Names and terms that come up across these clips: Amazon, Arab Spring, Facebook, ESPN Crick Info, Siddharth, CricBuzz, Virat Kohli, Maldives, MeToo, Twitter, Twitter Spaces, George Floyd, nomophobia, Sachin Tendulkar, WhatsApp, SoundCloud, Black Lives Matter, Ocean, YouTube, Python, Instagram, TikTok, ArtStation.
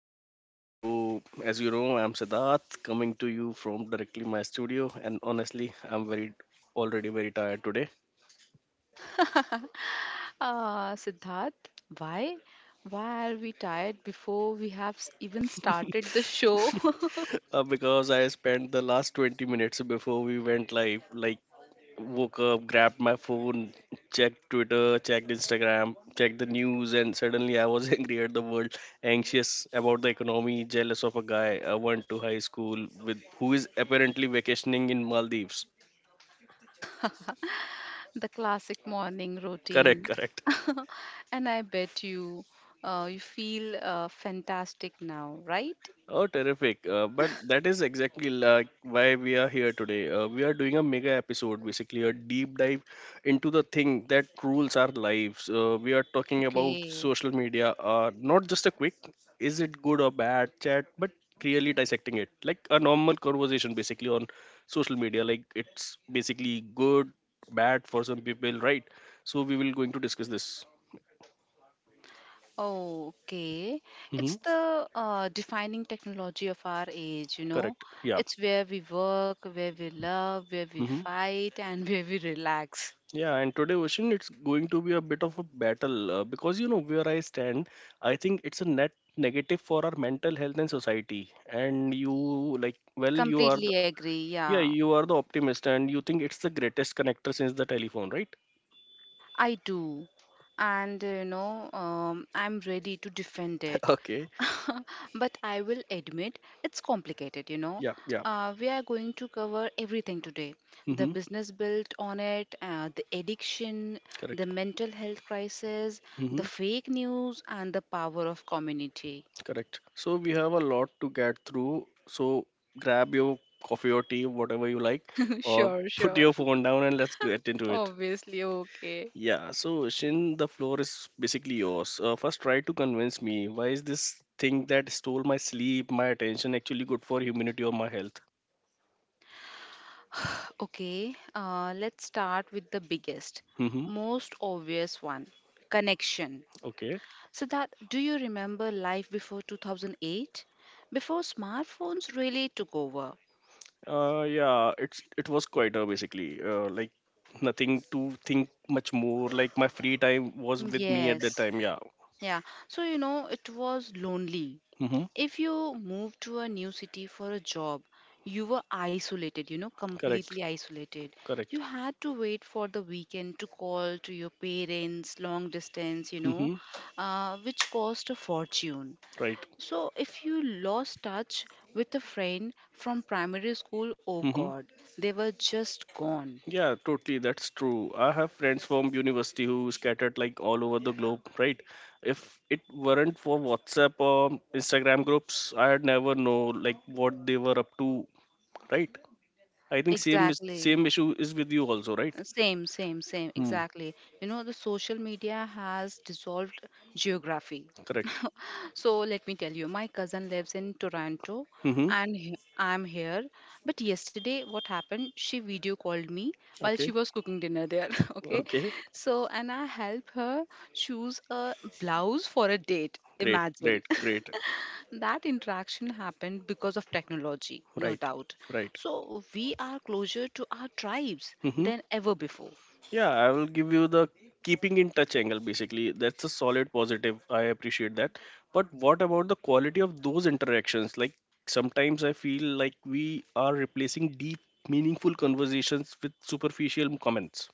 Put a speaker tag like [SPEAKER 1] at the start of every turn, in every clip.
[SPEAKER 1] good. So as you know, I'm Siddharth coming to you from directly my studio, and honestly, I'm very already very tired today.
[SPEAKER 2] Siddharth, why? why are we tired before we have even started the show?
[SPEAKER 1] Because I spent the last 20 minutes before we went live, like, woke up, grabbed my phone, checked Twitter, checked Instagram, checked the news, and suddenly I was angry at the world, anxious about the economy, jealous of a guy I went to high school with who is apparently vacationing in Maldives.
[SPEAKER 2] the classic morning
[SPEAKER 1] Correct,
[SPEAKER 2] routine.
[SPEAKER 1] correct.
[SPEAKER 2] and I bet you, you feel fantastic now, right?
[SPEAKER 1] Oh, terrific. But that is exactly like why we are here today. We are doing a mega episode, basically a deep dive into the thing that rules our lives. We are talking about
[SPEAKER 2] Okay.
[SPEAKER 1] social media, not just a quick, is it good or bad chat, but really dissecting it. Like a normal conversation, basically, on social media. Like, it's basically good, bad for some people, right? So we will going to discuss this.
[SPEAKER 2] Oh, okay.
[SPEAKER 1] Hmm.
[SPEAKER 2] It's the defining technology of our age, you know.
[SPEAKER 1] Correct. Yeah.
[SPEAKER 2] It's where we work, where we love, where we
[SPEAKER 1] Mm-hmm.
[SPEAKER 2] fight, and where we relax.
[SPEAKER 1] Yeah, and today, Ocean, it's going to be a bit of a battle because you know where I stand. I think it's a net negative for our mental health and society. And you, like, well, you are the
[SPEAKER 2] Completely agree,
[SPEAKER 1] yeah,
[SPEAKER 2] yeah.
[SPEAKER 1] you are the optimist, and you think it's the greatest connector since the telephone, right?
[SPEAKER 2] I do. And, I'm ready to defend it.
[SPEAKER 1] Okay.
[SPEAKER 2] but I will admit it's complicated, you know.
[SPEAKER 1] Yeah, yeah.
[SPEAKER 2] We are going to cover everything today, the
[SPEAKER 1] Mm-hmm.
[SPEAKER 2] business built on it, the addiction, the
[SPEAKER 1] Correct.
[SPEAKER 2] mental health crisis,
[SPEAKER 1] Mm-hmm.
[SPEAKER 2] the fake news, and the power of community.
[SPEAKER 1] Correct. So we have a lot to get through. So grab your coffee or tea, whatever you like, or
[SPEAKER 2] Sure,
[SPEAKER 1] put
[SPEAKER 2] sure.
[SPEAKER 1] your phone down and let's get into it.
[SPEAKER 2] Obviously, okay.
[SPEAKER 1] Yeah, so Shin, the floor is basically yours. First, try to convince me why is this thing that stole my sleep, my attention, actually good for humanity or my health?
[SPEAKER 2] Okay, let's start with the biggest,
[SPEAKER 1] Mm-hmm.
[SPEAKER 2] most obvious one, connection.
[SPEAKER 1] Okay.
[SPEAKER 2] So that do you remember life before 2008? Before smartphones really took over?
[SPEAKER 1] Yeah, it's it was quieter basically. Like, nothing to think much more. Like, my free time was with me at that
[SPEAKER 2] Yes.
[SPEAKER 1] time. Yeah.
[SPEAKER 2] Yeah. So, you know, it was lonely.
[SPEAKER 1] Mm-hmm.
[SPEAKER 2] If you moved to a new city for a job, you were isolated, you know,
[SPEAKER 1] Correct.
[SPEAKER 2] completely isolated.
[SPEAKER 1] Correct.
[SPEAKER 2] You had to wait for the weekend to call to your parents, long distance, you know,
[SPEAKER 1] Mm-hmm.
[SPEAKER 2] which cost a fortune.
[SPEAKER 1] Right.
[SPEAKER 2] So, if you lost touch with a friend from primary school, oh
[SPEAKER 1] Mm-hmm.
[SPEAKER 2] God, they were just gone.
[SPEAKER 1] Yeah, totally. That's true. I have friends from university who scattered like all over the globe, right? If it weren't for WhatsApp or Instagram groups, I would never know like what they were up to, right? I think same is
[SPEAKER 2] Exactly.
[SPEAKER 1] same issue is with you also, right?
[SPEAKER 2] Same,
[SPEAKER 1] Hmm.
[SPEAKER 2] exactly. You know, the social media has dissolved geography.
[SPEAKER 1] Correct.
[SPEAKER 2] So let me tell you, my cousin lives in Toronto
[SPEAKER 1] Mm-hmm.
[SPEAKER 2] and I'm here. But yesterday, what happened? She video called me while
[SPEAKER 1] Okay.
[SPEAKER 2] she was cooking dinner there. Okay.
[SPEAKER 1] Okay.
[SPEAKER 2] So, and I help her choose a blouse for a date.
[SPEAKER 1] Great.
[SPEAKER 2] Imagine.
[SPEAKER 1] Great. Great.
[SPEAKER 2] That interaction happened because of technology, no
[SPEAKER 1] Right.
[SPEAKER 2] doubt.
[SPEAKER 1] Right.
[SPEAKER 2] So we are closer to our tribes
[SPEAKER 1] Mm-hmm.
[SPEAKER 2] than ever before.
[SPEAKER 1] Yeah, I will give you the keeping in touch angle basically. That's a solid positive. I appreciate that. But what about the quality of those interactions? Like, sometimes I feel like we are replacing deep, meaningful conversations with superficial comments.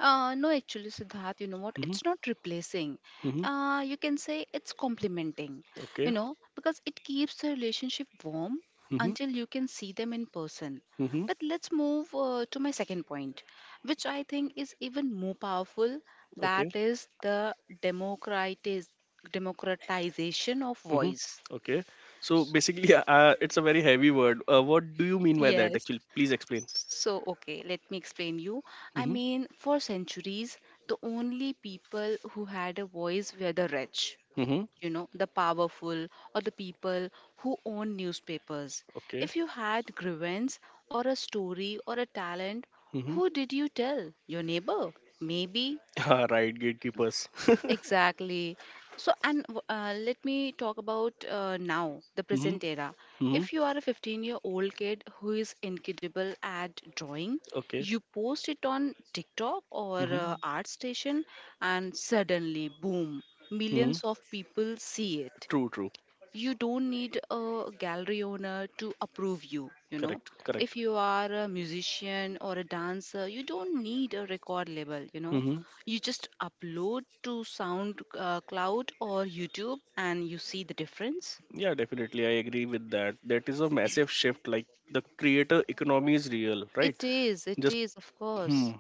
[SPEAKER 2] No, actually, Siddharth, you know what?
[SPEAKER 1] Mm-hmm.
[SPEAKER 2] It's not replacing.
[SPEAKER 1] Mm-hmm.
[SPEAKER 2] You can say it's complementing, you
[SPEAKER 1] Okay.
[SPEAKER 2] know, because it keeps the relationship warm
[SPEAKER 1] Mm-hmm.
[SPEAKER 2] until you can see them in person.
[SPEAKER 1] Mm-hmm.
[SPEAKER 2] But let's move to my second point, which I think is even more powerful.
[SPEAKER 1] Okay.
[SPEAKER 2] That is the democratiz- democratization of
[SPEAKER 1] Mm-hmm.
[SPEAKER 2] voice.
[SPEAKER 1] Okay. So basically, it's a very heavy word. What do you mean by that
[SPEAKER 2] Yes.
[SPEAKER 1] actually? Please explain.
[SPEAKER 2] So, okay, let me explain you. I
[SPEAKER 1] Mm-hmm.
[SPEAKER 2] mean, for centuries, the only people who had a voice were the rich,
[SPEAKER 1] Mm-hmm.
[SPEAKER 2] you know, the powerful, or the people who owned newspapers.
[SPEAKER 1] Okay.
[SPEAKER 2] If you had grievance, or a story, or a talent,
[SPEAKER 1] Mm-hmm.
[SPEAKER 2] who did you tell? Your neighbor? Maybe.
[SPEAKER 1] Right, gatekeepers.
[SPEAKER 2] Exactly. So let me talk about now, the
[SPEAKER 1] Mm-hmm.
[SPEAKER 2] present era.
[SPEAKER 1] Mm-hmm.
[SPEAKER 2] If you are a 15-year-old year old kid who is incredible at drawing,
[SPEAKER 1] Okay.
[SPEAKER 2] you post it on TikTok or
[SPEAKER 1] Mm-hmm.
[SPEAKER 2] ArtStation, and suddenly, boom,
[SPEAKER 1] Hmm.
[SPEAKER 2] millions of people see it.
[SPEAKER 1] True, true.
[SPEAKER 2] You don't need a gallery owner to approve you, you know.
[SPEAKER 1] Correct,
[SPEAKER 2] If
[SPEAKER 1] correct.
[SPEAKER 2] you are a musician or a dancer, you don't need a record label, you know.
[SPEAKER 1] Mm-hmm.
[SPEAKER 2] You just upload to sound cloud or YouTube and you see the difference.
[SPEAKER 1] Yeah, definitely. I agree with that. That is a massive shift. Like, the creator economy is real, right?
[SPEAKER 2] it is it
[SPEAKER 1] Just
[SPEAKER 2] is of
[SPEAKER 1] hmm.
[SPEAKER 2] course.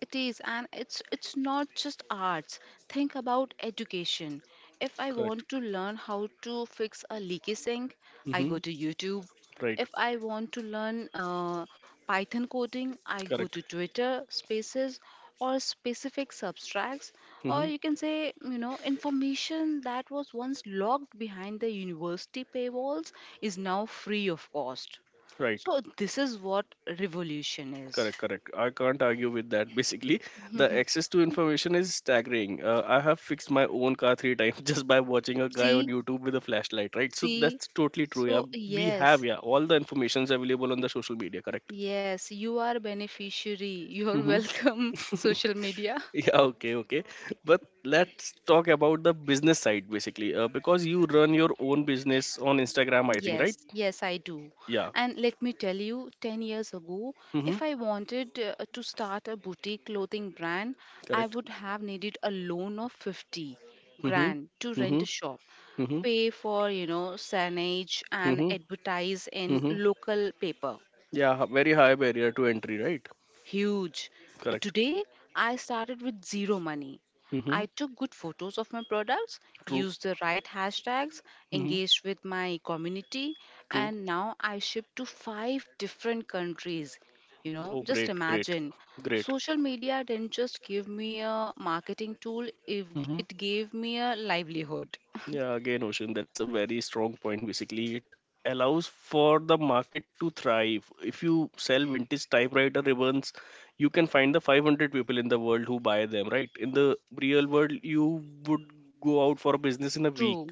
[SPEAKER 2] It is, and it's not just arts. Think about education. If I
[SPEAKER 1] Correct.
[SPEAKER 2] want to learn how to fix a leaky sink, I
[SPEAKER 1] Mm-hmm.
[SPEAKER 2] go to YouTube.
[SPEAKER 1] Right.
[SPEAKER 2] If I want to learn Python coding, I go
[SPEAKER 1] Correct.
[SPEAKER 2] to Twitter Spaces or specific substracts, or
[SPEAKER 1] Mm-hmm.
[SPEAKER 2] you can say, you know, information that was once locked behind the university paywalls is now free of cost.
[SPEAKER 1] Right.
[SPEAKER 2] So this is what revolution is.
[SPEAKER 1] Correct. Correct. I can't argue with that. Basically, the access to information is staggering. I have fixed my own car three times just by watching a guy on
[SPEAKER 2] See,
[SPEAKER 1] YouTube with a flashlight. Right. So
[SPEAKER 2] See,
[SPEAKER 1] that's totally true. Yeah,
[SPEAKER 2] so
[SPEAKER 1] we have
[SPEAKER 2] yes,
[SPEAKER 1] yeah all the informations available on the social media. Correct.
[SPEAKER 2] yes, you are beneficiary. You're
[SPEAKER 1] Mm-hmm.
[SPEAKER 2] welcome, social media.
[SPEAKER 1] Yeah, okay, okay. But let's talk about the business side basically, because you run your own business on Instagram, I think, right?
[SPEAKER 2] Yes, yes, I do.
[SPEAKER 1] Yeah.
[SPEAKER 2] And let me tell you, 10 years ago,
[SPEAKER 1] Mm-hmm.
[SPEAKER 2] if I wanted to start a boutique clothing brand, I
[SPEAKER 1] Correct.
[SPEAKER 2] would have needed a loan of 50
[SPEAKER 1] Mm-hmm.
[SPEAKER 2] grand to rent
[SPEAKER 1] Mm-hmm.
[SPEAKER 2] a shop,
[SPEAKER 1] Mm-hmm.
[SPEAKER 2] pay for, you know, signage and
[SPEAKER 1] Mm-hmm.
[SPEAKER 2] advertise in
[SPEAKER 1] Mm-hmm.
[SPEAKER 2] local paper.
[SPEAKER 1] Yeah, very high barrier to entry, right?
[SPEAKER 2] Huge.
[SPEAKER 1] Correct.
[SPEAKER 2] Today, I started with zero money.
[SPEAKER 1] Mm-hmm.
[SPEAKER 2] I took good photos of my products,
[SPEAKER 1] True.
[SPEAKER 2] used the right hashtags,
[SPEAKER 1] Mm-hmm.
[SPEAKER 2] engaged with my community,
[SPEAKER 1] True.
[SPEAKER 2] and now I ship to five different countries. You
[SPEAKER 1] Oh,
[SPEAKER 2] know,
[SPEAKER 1] great,
[SPEAKER 2] just
[SPEAKER 1] great,
[SPEAKER 2] imagine.
[SPEAKER 1] great.
[SPEAKER 2] Social media didn't just give me a marketing tool, if
[SPEAKER 1] Mm-hmm.
[SPEAKER 2] it gave me a livelihood.
[SPEAKER 1] Yeah, again, Ocean, that's a very strong point. Basically, it allows for the market to thrive. If you sell vintage typewriter ribbons, you can find the 500 people in the world who buy them, right? In the real world, you would go out for a business in a week.
[SPEAKER 2] True,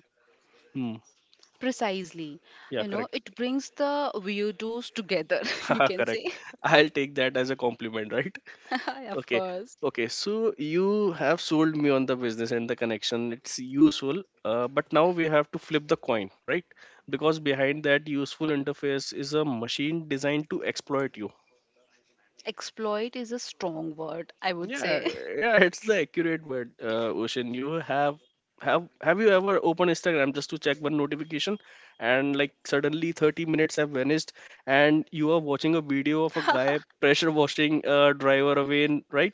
[SPEAKER 1] Hmm.
[SPEAKER 2] precisely.
[SPEAKER 1] Yeah,
[SPEAKER 2] You know,
[SPEAKER 1] correct.
[SPEAKER 2] it brings the weirdos together, you can say.
[SPEAKER 1] Correct. I'll take that as a compliment, right?
[SPEAKER 2] of
[SPEAKER 1] Okay.
[SPEAKER 2] course.
[SPEAKER 1] Okay. So you have sold me on the business and the connection. It's useful. But now we have to flip the coin, right? Because behind that useful interface is a machine designed to exploit you.
[SPEAKER 2] Exploit is a strong word, I would
[SPEAKER 1] Yeah.
[SPEAKER 2] say.
[SPEAKER 1] Yeah. It's the accurate word, Ocean. You have. Have you ever opened Instagram just to check one notification and like suddenly 30 minutes have vanished and you are watching a video of a guy pressure washing a driver away, right?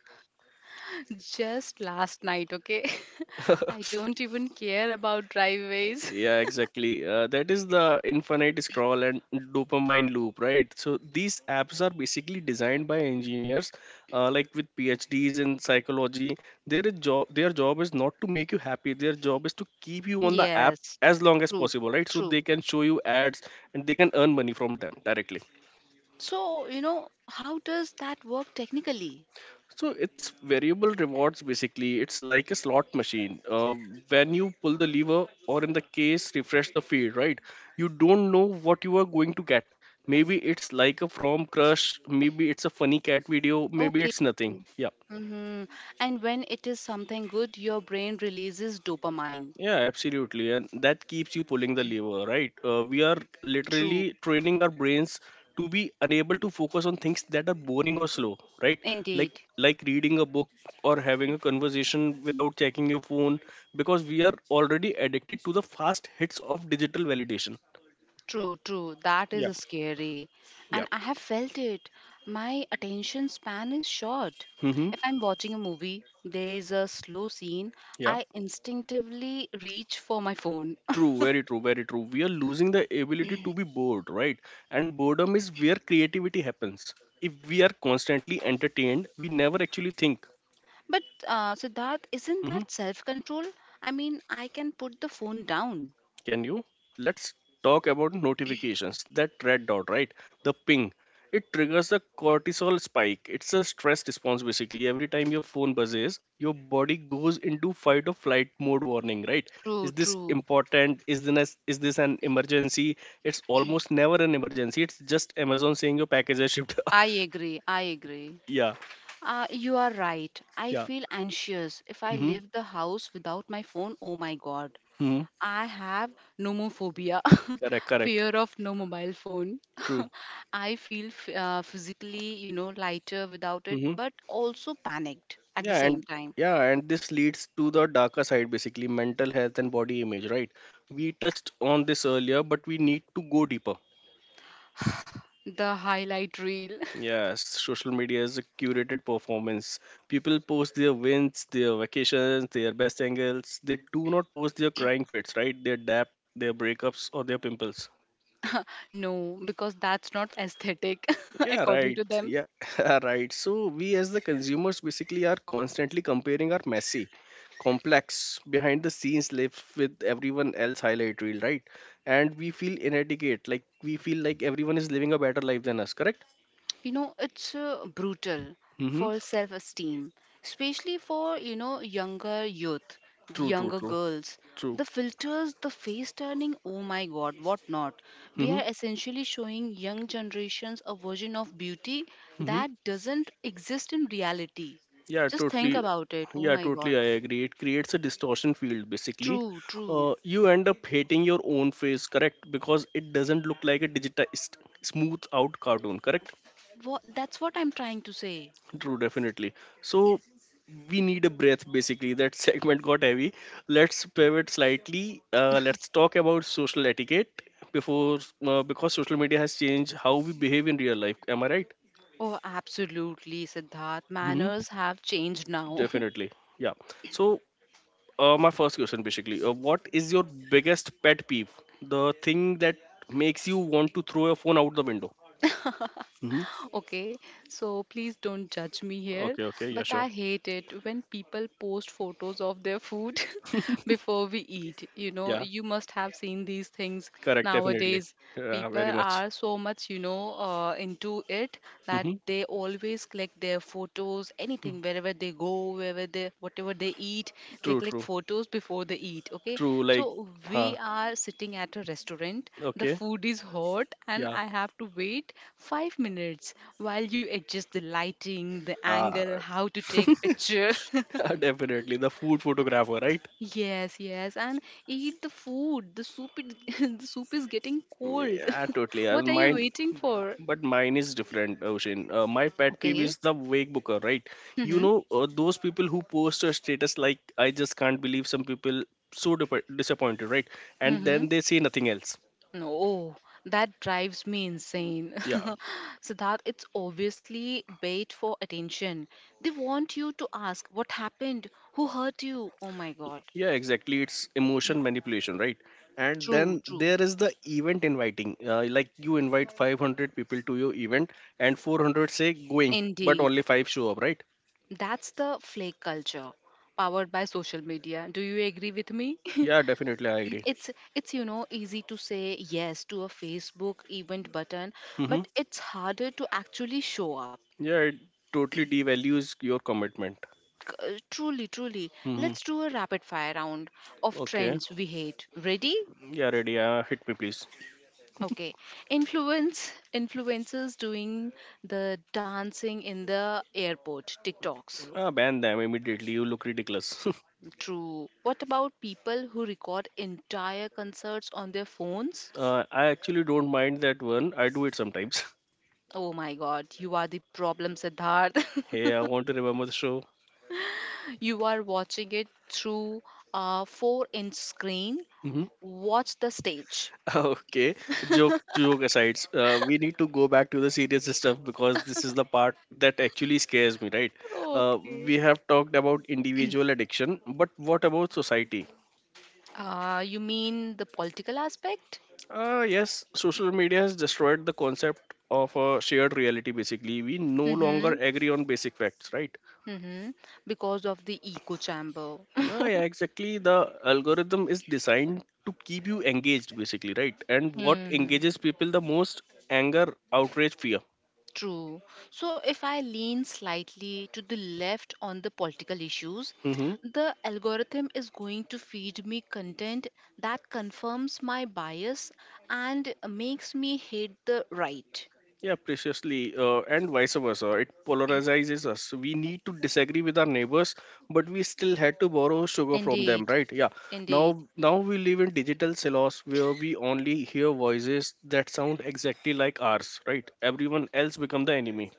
[SPEAKER 2] Just last night, okay? I don't even care about driveways.
[SPEAKER 1] Yeah, exactly. That is the infinite scroll and dopamine loop, right? So these apps are basically designed by engineers, like with PhDs in psychology. Their job is not to make you happy. Their job is to keep you on the app
[SPEAKER 2] Yes,
[SPEAKER 1] as long as
[SPEAKER 2] true,
[SPEAKER 1] possible, right? So they
[SPEAKER 2] true.
[SPEAKER 1] can show you ads and they can earn money from them directly.
[SPEAKER 2] So, you know, how does that work technically?
[SPEAKER 1] So it's variable rewards basically. It's like a slot machine. When you pull the lever, or in the case, refresh the feed, right? You don't know what you are going to get. Maybe it's like a from crush. Maybe it's a funny cat video. Maybe
[SPEAKER 2] Okay.
[SPEAKER 1] it's nothing. Yeah.
[SPEAKER 2] Mm-hmm. And when it is something good, your brain releases dopamine.
[SPEAKER 1] Yeah, absolutely. And that keeps you pulling the lever, right? We are
[SPEAKER 2] True,
[SPEAKER 1] literally training our brains to be unable to focus on things that are boring or slow, right? Like
[SPEAKER 2] indeed.
[SPEAKER 1] like reading a book or having a conversation without checking your phone, because we are already addicted to the fast hits of digital validation.
[SPEAKER 2] True, true. That
[SPEAKER 1] Yeah.
[SPEAKER 2] is scary.
[SPEAKER 1] Yeah.
[SPEAKER 2] And I have felt it. My attention span is short.
[SPEAKER 1] Mm-hmm.
[SPEAKER 2] If I'm watching a movie, there is a slow scene,
[SPEAKER 1] Yeah.
[SPEAKER 2] I instinctively reach for my phone.
[SPEAKER 1] True, very true, very true. We are losing the ability to be bored, right? And boredom is where creativity happens. If we are constantly entertained, we never actually think.
[SPEAKER 2] But Siddharth, isn't
[SPEAKER 1] Hmm.
[SPEAKER 2] that self control? I mean, I can put the phone down.
[SPEAKER 1] Can you? Let's talk about notifications. That red dot, right? The ping. It triggers the cortisol spike. It's a stress response basically. Every time your phone buzzes, your body goes into fight or flight mode warning, right? Is
[SPEAKER 2] True,
[SPEAKER 1] this
[SPEAKER 2] true.
[SPEAKER 1] important? Is this an emergency? It's almost never an emergency. It's just Amazon saying your package has shipped.
[SPEAKER 2] I agree. I agree.
[SPEAKER 1] Yeah,
[SPEAKER 2] You are right. I
[SPEAKER 1] yeah.
[SPEAKER 2] feel anxious if I
[SPEAKER 1] Mm-hmm.
[SPEAKER 2] leave the house without my phone. Oh my God.
[SPEAKER 1] Hmm.
[SPEAKER 2] I have nomophobia,
[SPEAKER 1] Correct, correct.
[SPEAKER 2] fear of no mobile phone.
[SPEAKER 1] True.
[SPEAKER 2] I feel physically, you know, lighter without it,
[SPEAKER 1] Mm-hmm.
[SPEAKER 2] but also panicked at the
[SPEAKER 1] Yeah,
[SPEAKER 2] same
[SPEAKER 1] and
[SPEAKER 2] time.
[SPEAKER 1] this leads to the darker side, basically mental health and body image, right? We touched on this earlier, but we need to go deeper.
[SPEAKER 2] The highlight reel.
[SPEAKER 1] Yes, social media is a curated performance. People post their wins, their vacations, their best angles. They do not post their crying fits, right? Their depth, their breakups, or their pimples.
[SPEAKER 2] No, because that's not aesthetic
[SPEAKER 1] Yeah,
[SPEAKER 2] according
[SPEAKER 1] right.
[SPEAKER 2] to them.
[SPEAKER 1] Yeah, right. So we as the consumers basically are constantly comparing our messy, complex, behind the scenes life with everyone else highlight reel, right? And we feel inadequate, like we feel like everyone is living a better life than us, correct?
[SPEAKER 2] You know, it's brutal
[SPEAKER 1] Mm-hmm.
[SPEAKER 2] for self esteem, especially for, you know, younger youth, the
[SPEAKER 1] True, true,
[SPEAKER 2] younger
[SPEAKER 1] true,
[SPEAKER 2] girls,
[SPEAKER 1] true.
[SPEAKER 2] the filters, the face turning, oh my god, what not. We
[SPEAKER 1] Mm-hmm.
[SPEAKER 2] are essentially showing young generations a version of beauty
[SPEAKER 1] Mm-hmm.
[SPEAKER 2] that doesn't exist in reality.
[SPEAKER 1] Yeah,
[SPEAKER 2] Just think
[SPEAKER 1] totally.
[SPEAKER 2] about it, oh
[SPEAKER 1] Yeah,
[SPEAKER 2] my
[SPEAKER 1] totally.
[SPEAKER 2] god.
[SPEAKER 1] I agree. It creates a distortion field basically.
[SPEAKER 2] True, true.
[SPEAKER 1] You end up hating your own face, correct? Because it doesn't look like a digitized, smooth out cartoon, correct?
[SPEAKER 2] What, that's what I'm trying to say.
[SPEAKER 1] True, definitely. So we need a breath basically. That segment got heavy. Let's pivot slightly. Let's talk about social etiquette before because social media has changed how we behave in real life. Am I right?
[SPEAKER 2] Oh, absolutely, Siddharth.
[SPEAKER 1] Hmm.
[SPEAKER 2] Manners have changed now.
[SPEAKER 1] Definitely. Yeah. So my first question basically, what is your biggest pet peeve? The thing that makes you want to throw your phone out the window. Hmm.
[SPEAKER 2] Okay, so please don't judge me here,
[SPEAKER 1] Okay. Okay. Yeah.
[SPEAKER 2] but
[SPEAKER 1] Sure.
[SPEAKER 2] I hate it when people post photos of their food before we eat. You know,
[SPEAKER 1] Yeah.
[SPEAKER 2] you must have seen these things
[SPEAKER 1] Correct. Definitely.
[SPEAKER 2] nowadays.
[SPEAKER 1] Yeah. Very
[SPEAKER 2] People
[SPEAKER 1] much.
[SPEAKER 2] are so much, you know, into it that
[SPEAKER 1] Hmm.
[SPEAKER 2] they always click their food photos, anything, wherever they go, whatever they eat, they
[SPEAKER 1] True.
[SPEAKER 2] click
[SPEAKER 1] True.
[SPEAKER 2] photos before they eat. Okay.
[SPEAKER 1] True, like,
[SPEAKER 2] So we
[SPEAKER 1] huh.
[SPEAKER 2] are sitting at a restaurant. The
[SPEAKER 1] Okay.
[SPEAKER 2] food is hot and
[SPEAKER 1] Yeah.
[SPEAKER 2] I have to wait 5 minutes while you adjust the lighting, the
[SPEAKER 1] Uh,
[SPEAKER 2] angle, how to take picture.
[SPEAKER 1] Definitely. The food photographer, right?
[SPEAKER 2] Yes, yes, and eat the food. The soup is getting cold.
[SPEAKER 1] Yeah, totally.
[SPEAKER 2] What are you waiting for?
[SPEAKER 1] But mine is different, Ocean. My pet peeve
[SPEAKER 2] Okay.
[SPEAKER 1] is the wake booker, right? You
[SPEAKER 2] Mm-hmm.
[SPEAKER 1] know, those people who post a status like, I just can't believe some people so disappointed, right? And
[SPEAKER 2] Mm-hmm.
[SPEAKER 1] then they say nothing else.
[SPEAKER 2] No, that drives me insane.
[SPEAKER 1] Yeah.
[SPEAKER 2] Siddharth, it's obviously bait for attention. They want you to ask what happened, who hurt you. Oh my god.
[SPEAKER 1] Yeah, exactly. It's emotion manipulation, right? And
[SPEAKER 2] True,
[SPEAKER 1] then
[SPEAKER 2] true.
[SPEAKER 1] there is the event inviting. Like, you invite 500 people to your event, and 400 say going, but
[SPEAKER 2] Indeed.
[SPEAKER 1] only five show up, right?
[SPEAKER 2] That's the flake culture powered by social media. Do you agree with me?
[SPEAKER 1] Yeah, definitely, I agree.
[SPEAKER 2] It's you know, easy to say yes to a Facebook event button,
[SPEAKER 1] Mm-hmm.
[SPEAKER 2] but it's harder to actually show up.
[SPEAKER 1] Yeah, it totally devalues your commitment.
[SPEAKER 2] Truly, truly. Let's
[SPEAKER 1] Mm-hmm.
[SPEAKER 2] do a rapid fire round of
[SPEAKER 1] Okay.
[SPEAKER 2] trends we hate. Ready?
[SPEAKER 1] Yeah, ready. Hit me, please.
[SPEAKER 2] Okay. Influencers doing the dancing in the airport TikToks.
[SPEAKER 1] Ban them immediately. You look ridiculous.
[SPEAKER 2] True. What about people who record entire concerts on their phones?
[SPEAKER 1] I actually don't mind that one. I do it sometimes.
[SPEAKER 2] Oh my god, you are the problem, Siddharth.
[SPEAKER 1] Hey, I want to remember the show.
[SPEAKER 2] you are watching it through a 4-inch inch screen.
[SPEAKER 1] Mm-hmm.
[SPEAKER 2] Watch the stage.
[SPEAKER 1] Okay, joke aside, we need to go back to the serious stuff because this is the part that actually scares me, right? Uh,
[SPEAKER 2] Okay.
[SPEAKER 1] we have talked about individual addiction, but what about society?
[SPEAKER 2] You mean the political aspect?
[SPEAKER 1] Yes, social media has destroyed the concept of a shared reality. Basically, we no longer
[SPEAKER 2] Mm-hmm.
[SPEAKER 1] agree on basic facts, right?
[SPEAKER 2] Mm-hmm. Because of the echo chamber.
[SPEAKER 1] No, yeah, exactly. The algorithm is designed to keep you engaged, basically, right? And what
[SPEAKER 2] Hmm.
[SPEAKER 1] engages people the most? Anger, outrage, fear.
[SPEAKER 2] True. So if I lean slightly to the left on the political issues,
[SPEAKER 1] Mm-hmm.
[SPEAKER 2] the algorithm is going to feed me content that confirms my bias and makes me hate the right.
[SPEAKER 1] Yeah, preciously, and vice versa. It polarizes us. We need to disagree with our neighbors, but we still had to borrow sugar from them,
[SPEAKER 2] Indeed,
[SPEAKER 1] right? Yeah.
[SPEAKER 2] indeed,
[SPEAKER 1] Now we live in digital silos where we only hear voices that sound exactly like ours, right? Everyone else become the enemy.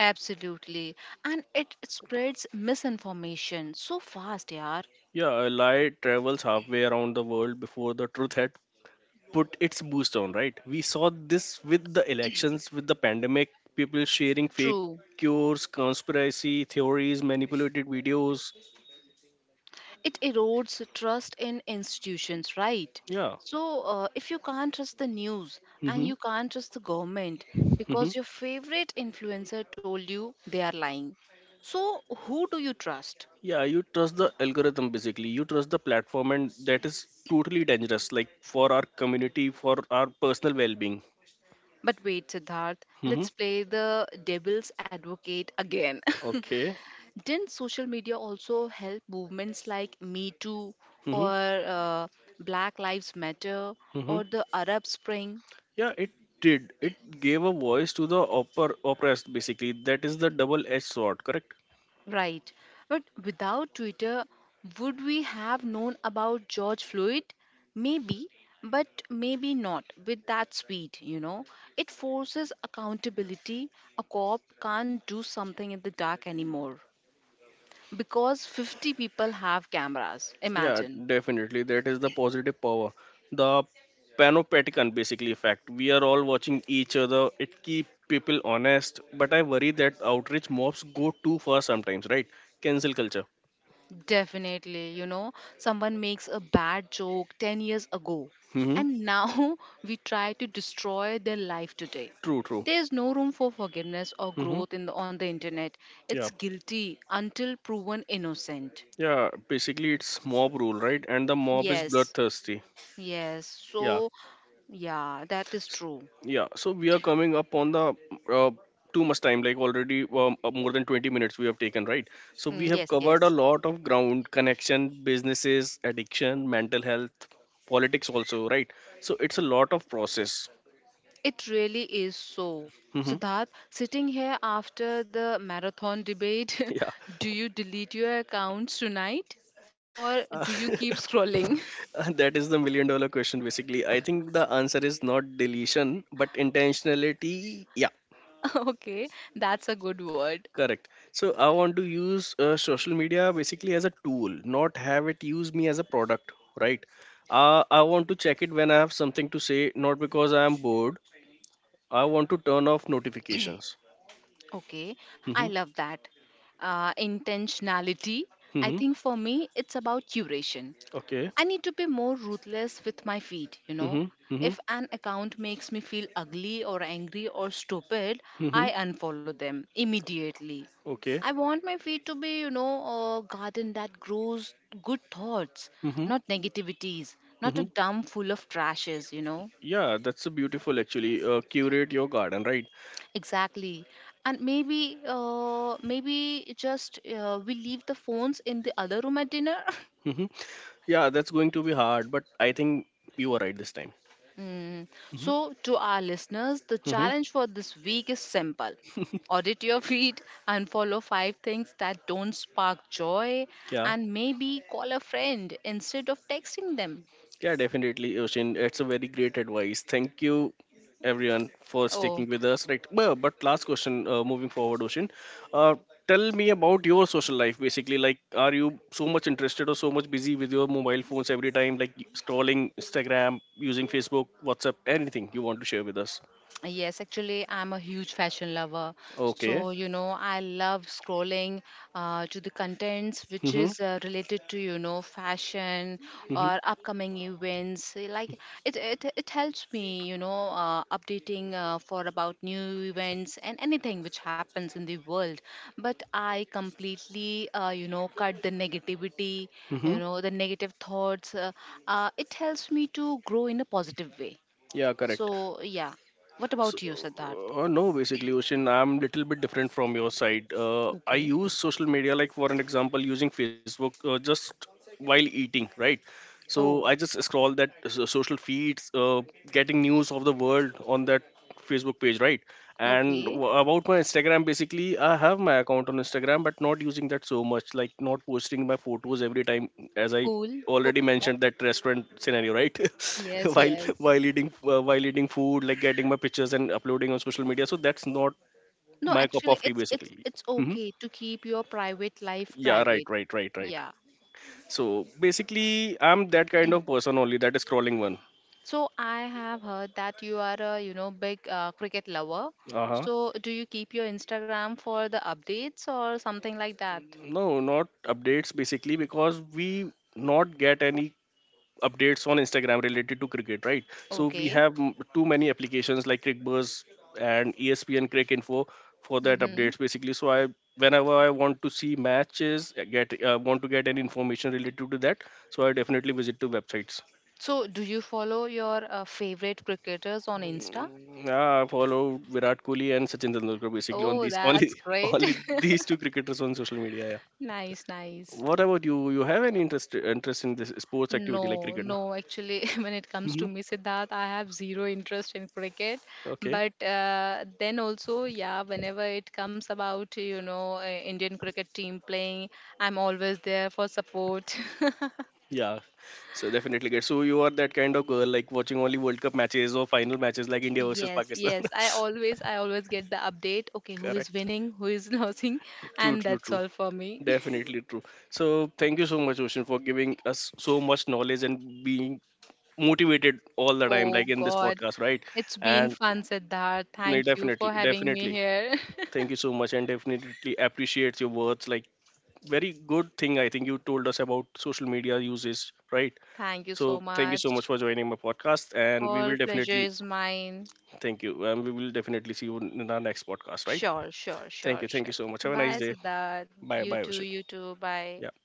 [SPEAKER 2] absolutely. And it spreads misinformation so fast, yeah.
[SPEAKER 1] Yeah, a lie travels halfway around the world before the truth had put its boost on, right? We saw this with the elections, with the pandemic, people sharing fake
[SPEAKER 2] True.
[SPEAKER 1] cures, conspiracy theories, manipulated videos.
[SPEAKER 2] It erodes trust in institutions, right?
[SPEAKER 1] Yeah.
[SPEAKER 2] So if you can't trust the news and
[SPEAKER 1] hmm
[SPEAKER 2] you can't trust the government
[SPEAKER 1] hmm
[SPEAKER 2] because your favorite influencer told you they are lying, so who do you trust?
[SPEAKER 1] Yeah, you trust the algorithm basically. You trust the platform, and that is totally dangerous, like for our community, for our personal well being.
[SPEAKER 2] But wait, Siddharth,
[SPEAKER 1] hmm
[SPEAKER 2] let's play the devil's advocate again.
[SPEAKER 1] Okay.
[SPEAKER 2] didn't social media also help movements like Me Too
[SPEAKER 1] hmm
[SPEAKER 2] or uh, Black Lives Matter
[SPEAKER 1] hmm
[SPEAKER 2] or the Arab Spring?
[SPEAKER 1] Yeah, it did. It gave a voice to the oppressed, basically. That is the double edged sword, correct?
[SPEAKER 2] Right. But without Twitter, would we have known about George Floyd? Maybe, but maybe not with that speed, you know. It forces accountability. A cop can't do something in the dark anymore because 50 people have cameras.
[SPEAKER 1] Yeah,
[SPEAKER 2] Imagine.
[SPEAKER 1] definitely. That is the positive power. The panopticon basically effect. We are all watching each other. It keep people honest, but I worry that outreach mobs go too far sometimes, right? Cancel culture.
[SPEAKER 2] Definitely, you know, someone makes a bad joke 10 years ago,
[SPEAKER 1] Mm-hmm.
[SPEAKER 2] and now we try to destroy their life today.
[SPEAKER 1] True, true.
[SPEAKER 2] There's no room for forgiveness or
[SPEAKER 1] Mm-hmm.
[SPEAKER 2] growth in on the internet. It's
[SPEAKER 1] Yeah.
[SPEAKER 2] guilty until proven innocent.
[SPEAKER 1] Yeah, basically it's mob rule, right? And the mob is
[SPEAKER 2] Yes,
[SPEAKER 1] bloodthirsty.
[SPEAKER 2] yes.
[SPEAKER 1] Yeah.
[SPEAKER 2] So, yeah, that is true.
[SPEAKER 1] Yeah, so we are coming up on the uh, too much time, like already more than 20 minutes we have taken, right? So
[SPEAKER 2] Mm,
[SPEAKER 1] we have
[SPEAKER 2] yes,
[SPEAKER 1] covered a
[SPEAKER 2] yes.
[SPEAKER 1] lot of ground connection, businesses, addiction, mental health, politics, also, right? So it's a lot of process.
[SPEAKER 2] It really is so.
[SPEAKER 1] hmm
[SPEAKER 2] Siddharth, sitting here after the marathon debate,
[SPEAKER 1] Yeah,
[SPEAKER 2] do you delete your accounts tonight or
[SPEAKER 1] Uh,
[SPEAKER 2] do you keep scrolling?
[SPEAKER 1] that is the million dollar question, basically. I think the answer is not deletion, but intentionality. Yeah.
[SPEAKER 2] okay, that's a good word.
[SPEAKER 1] Correct. So I want to use social media basically as a tool, not have it use me as a product, right? I want to check it when I have something to say, not because I am bored. I want to turn off notifications.
[SPEAKER 2] Okay, I
[SPEAKER 1] Mm-hmm.
[SPEAKER 2] love that. Intentionality. I
[SPEAKER 1] Mm-hmm.
[SPEAKER 2] think for me, it's about curation.
[SPEAKER 1] Okay.
[SPEAKER 2] I need to be more ruthless with my feed, you know.
[SPEAKER 1] Mm-hmm. Mm-hmm.
[SPEAKER 2] If an account makes me feel ugly or angry or stupid,
[SPEAKER 1] Mm-hmm.
[SPEAKER 2] I unfollow them immediately.
[SPEAKER 1] Okay.
[SPEAKER 2] I want my feed to be, you know, a garden that grows good thoughts,
[SPEAKER 1] Mm-hmm.
[SPEAKER 2] not negativities, not
[SPEAKER 1] Mm-hmm.
[SPEAKER 2] a dump full of trashes, you know.
[SPEAKER 1] Yeah, that's a beautiful actually. Curate your garden, right?
[SPEAKER 2] Exactly. And maybe, maybe just we leave the phones in the other room at dinner.
[SPEAKER 1] Mm-hmm. Yeah, that's going to be hard, but I think you are right this time.
[SPEAKER 2] Mm.
[SPEAKER 1] Mm-hmm.
[SPEAKER 2] So, to our listeners, the
[SPEAKER 1] Mm-hmm.
[SPEAKER 2] challenge for this week is simple, audit your feed and follow five things that don't spark joy,
[SPEAKER 1] Yeah.
[SPEAKER 2] and maybe call a friend instead of texting them.
[SPEAKER 1] Yeah, definitely, Yoshin. It's a very great advice. Thank you, everyone, for
[SPEAKER 2] Oh,
[SPEAKER 1] sticking with us. Right. But last question, moving forward, Yoshin. Uh, Tell me about your social life, basically. Like, are you so much interested or so much busy with your mobile phones every time, like scrolling Instagram, using Facebook, WhatsApp, anything you want to share with us?
[SPEAKER 2] yes, actually, I'm a huge fashion lover. So,
[SPEAKER 1] Okay.
[SPEAKER 2] you know, I love scrolling to the contents which
[SPEAKER 1] Mm-hmm.
[SPEAKER 2] is related to, you know, fashion
[SPEAKER 1] Mm-hmm.
[SPEAKER 2] or upcoming events. Eh, like it helps me, you know, updating for about new events and anything which happens in the world. But I completely, you know, cut the negativity,
[SPEAKER 1] Mm-hmm.
[SPEAKER 2] you know, the negative thoughts. It helps me to grow in a positive way.
[SPEAKER 1] Yeah, correct.
[SPEAKER 2] So, yeah. What
[SPEAKER 1] So,
[SPEAKER 2] about you, Siddharth?
[SPEAKER 1] no, basically, Ocean, I'm little bit different from your side. I
[SPEAKER 2] Okay.
[SPEAKER 1] use social media, like for an example, using Facebook, just while eating, right? So I
[SPEAKER 2] Oh,
[SPEAKER 1] just scroll that social feeds, getting news of the world on that Facebook page, right? And
[SPEAKER 2] okay.
[SPEAKER 1] about my Instagram, basically I have my account on Instagram but not using that so much, like not posting my photos every time, as I
[SPEAKER 2] Cool. Cool.
[SPEAKER 1] already mentioned that restaurant scenario, right?
[SPEAKER 2] Yes,
[SPEAKER 1] while
[SPEAKER 2] yes.
[SPEAKER 1] while eating, while eating food, like getting my pictures and uploading on social media, so that's not
[SPEAKER 2] No,
[SPEAKER 1] my cup
[SPEAKER 2] actually,
[SPEAKER 1] of tea
[SPEAKER 2] it's
[SPEAKER 1] basically.
[SPEAKER 2] it's
[SPEAKER 1] hmm
[SPEAKER 2] okay to keep your private life
[SPEAKER 1] yeah, right
[SPEAKER 2] private.
[SPEAKER 1] right right right
[SPEAKER 2] Yeah.
[SPEAKER 1] So basically, I'm that kind of person only that is scrolling one.
[SPEAKER 2] So I have heard that you are a, you know, big cricket lover.
[SPEAKER 1] Uh huh.
[SPEAKER 2] So do you keep your Instagram for the updates or something like that?
[SPEAKER 1] No, not updates basically because we not get any updates on Instagram related to cricket, right? So we
[SPEAKER 2] Okay.
[SPEAKER 1] have too many applications like CricBuzz and ESPN Crick Info for that
[SPEAKER 2] Mm-hmm.
[SPEAKER 1] updates basically. So I whenever I want to see matches, get want to get any information related to that, so I definitely visit to websites.
[SPEAKER 2] So do you follow your favorite cricketers on Insta?
[SPEAKER 1] Mm, yeah, I follow Virat Kohli and Sachin Tendulkar basically on
[SPEAKER 2] Oh,
[SPEAKER 1] these
[SPEAKER 2] that's
[SPEAKER 1] only,
[SPEAKER 2] great.
[SPEAKER 1] only these two cricketers on social media. Yeah.
[SPEAKER 2] Nice, nice.
[SPEAKER 1] What about you? You have any interest in this sports activity like
[SPEAKER 2] No,
[SPEAKER 1] cricket?
[SPEAKER 2] no, actually, when it comes to
[SPEAKER 1] Mm-hmm.
[SPEAKER 2] me, Siddharth, I have zero interest in cricket.
[SPEAKER 1] Okay.
[SPEAKER 2] But then also, yeah, whenever it comes about, you know, Indian cricket team playing, I'm always there for support.
[SPEAKER 1] Yeah. So definitely good. So you are that kind of girl like watching only World Cup matches or final matches like India versus
[SPEAKER 2] Yes,
[SPEAKER 1] Pakistan.
[SPEAKER 2] yes, I always get the update. Okay, who is
[SPEAKER 1] Correct.
[SPEAKER 2] winning, who is losing,
[SPEAKER 1] True.
[SPEAKER 2] and
[SPEAKER 1] True.
[SPEAKER 2] that's
[SPEAKER 1] True.
[SPEAKER 2] all for me.
[SPEAKER 1] Definitely true. So thank you so much, Ocean, for giving us so much knowledge and being motivated all the time,
[SPEAKER 2] Oh
[SPEAKER 1] like in this
[SPEAKER 2] God,
[SPEAKER 1] podcast, right?
[SPEAKER 2] it's been
[SPEAKER 1] And
[SPEAKER 2] fun, Siddharth.
[SPEAKER 1] no,
[SPEAKER 2] Thank you
[SPEAKER 1] definitely,
[SPEAKER 2] for having me
[SPEAKER 1] definitely.
[SPEAKER 2] here.
[SPEAKER 1] Thank you so much, and definitely appreciate your words. Like very good thing I think you told us about social media uses, right?
[SPEAKER 2] Thank you so
[SPEAKER 1] So thank you so much
[SPEAKER 2] much.
[SPEAKER 1] for joining my podcast, and we
[SPEAKER 2] All
[SPEAKER 1] will
[SPEAKER 2] pleasure
[SPEAKER 1] definitely
[SPEAKER 2] is mine.
[SPEAKER 1] thank you, and we will definitely see you in our next podcast, right?
[SPEAKER 2] Sure, sure, sure,
[SPEAKER 1] Thank you
[SPEAKER 2] sure.
[SPEAKER 1] so much. Have a nice
[SPEAKER 2] Bye,
[SPEAKER 1] day.
[SPEAKER 2] Siddharth.
[SPEAKER 1] Bye,
[SPEAKER 2] You
[SPEAKER 1] bye,
[SPEAKER 2] too,
[SPEAKER 1] Ocean.
[SPEAKER 2] you too. Bye.
[SPEAKER 1] Yeah.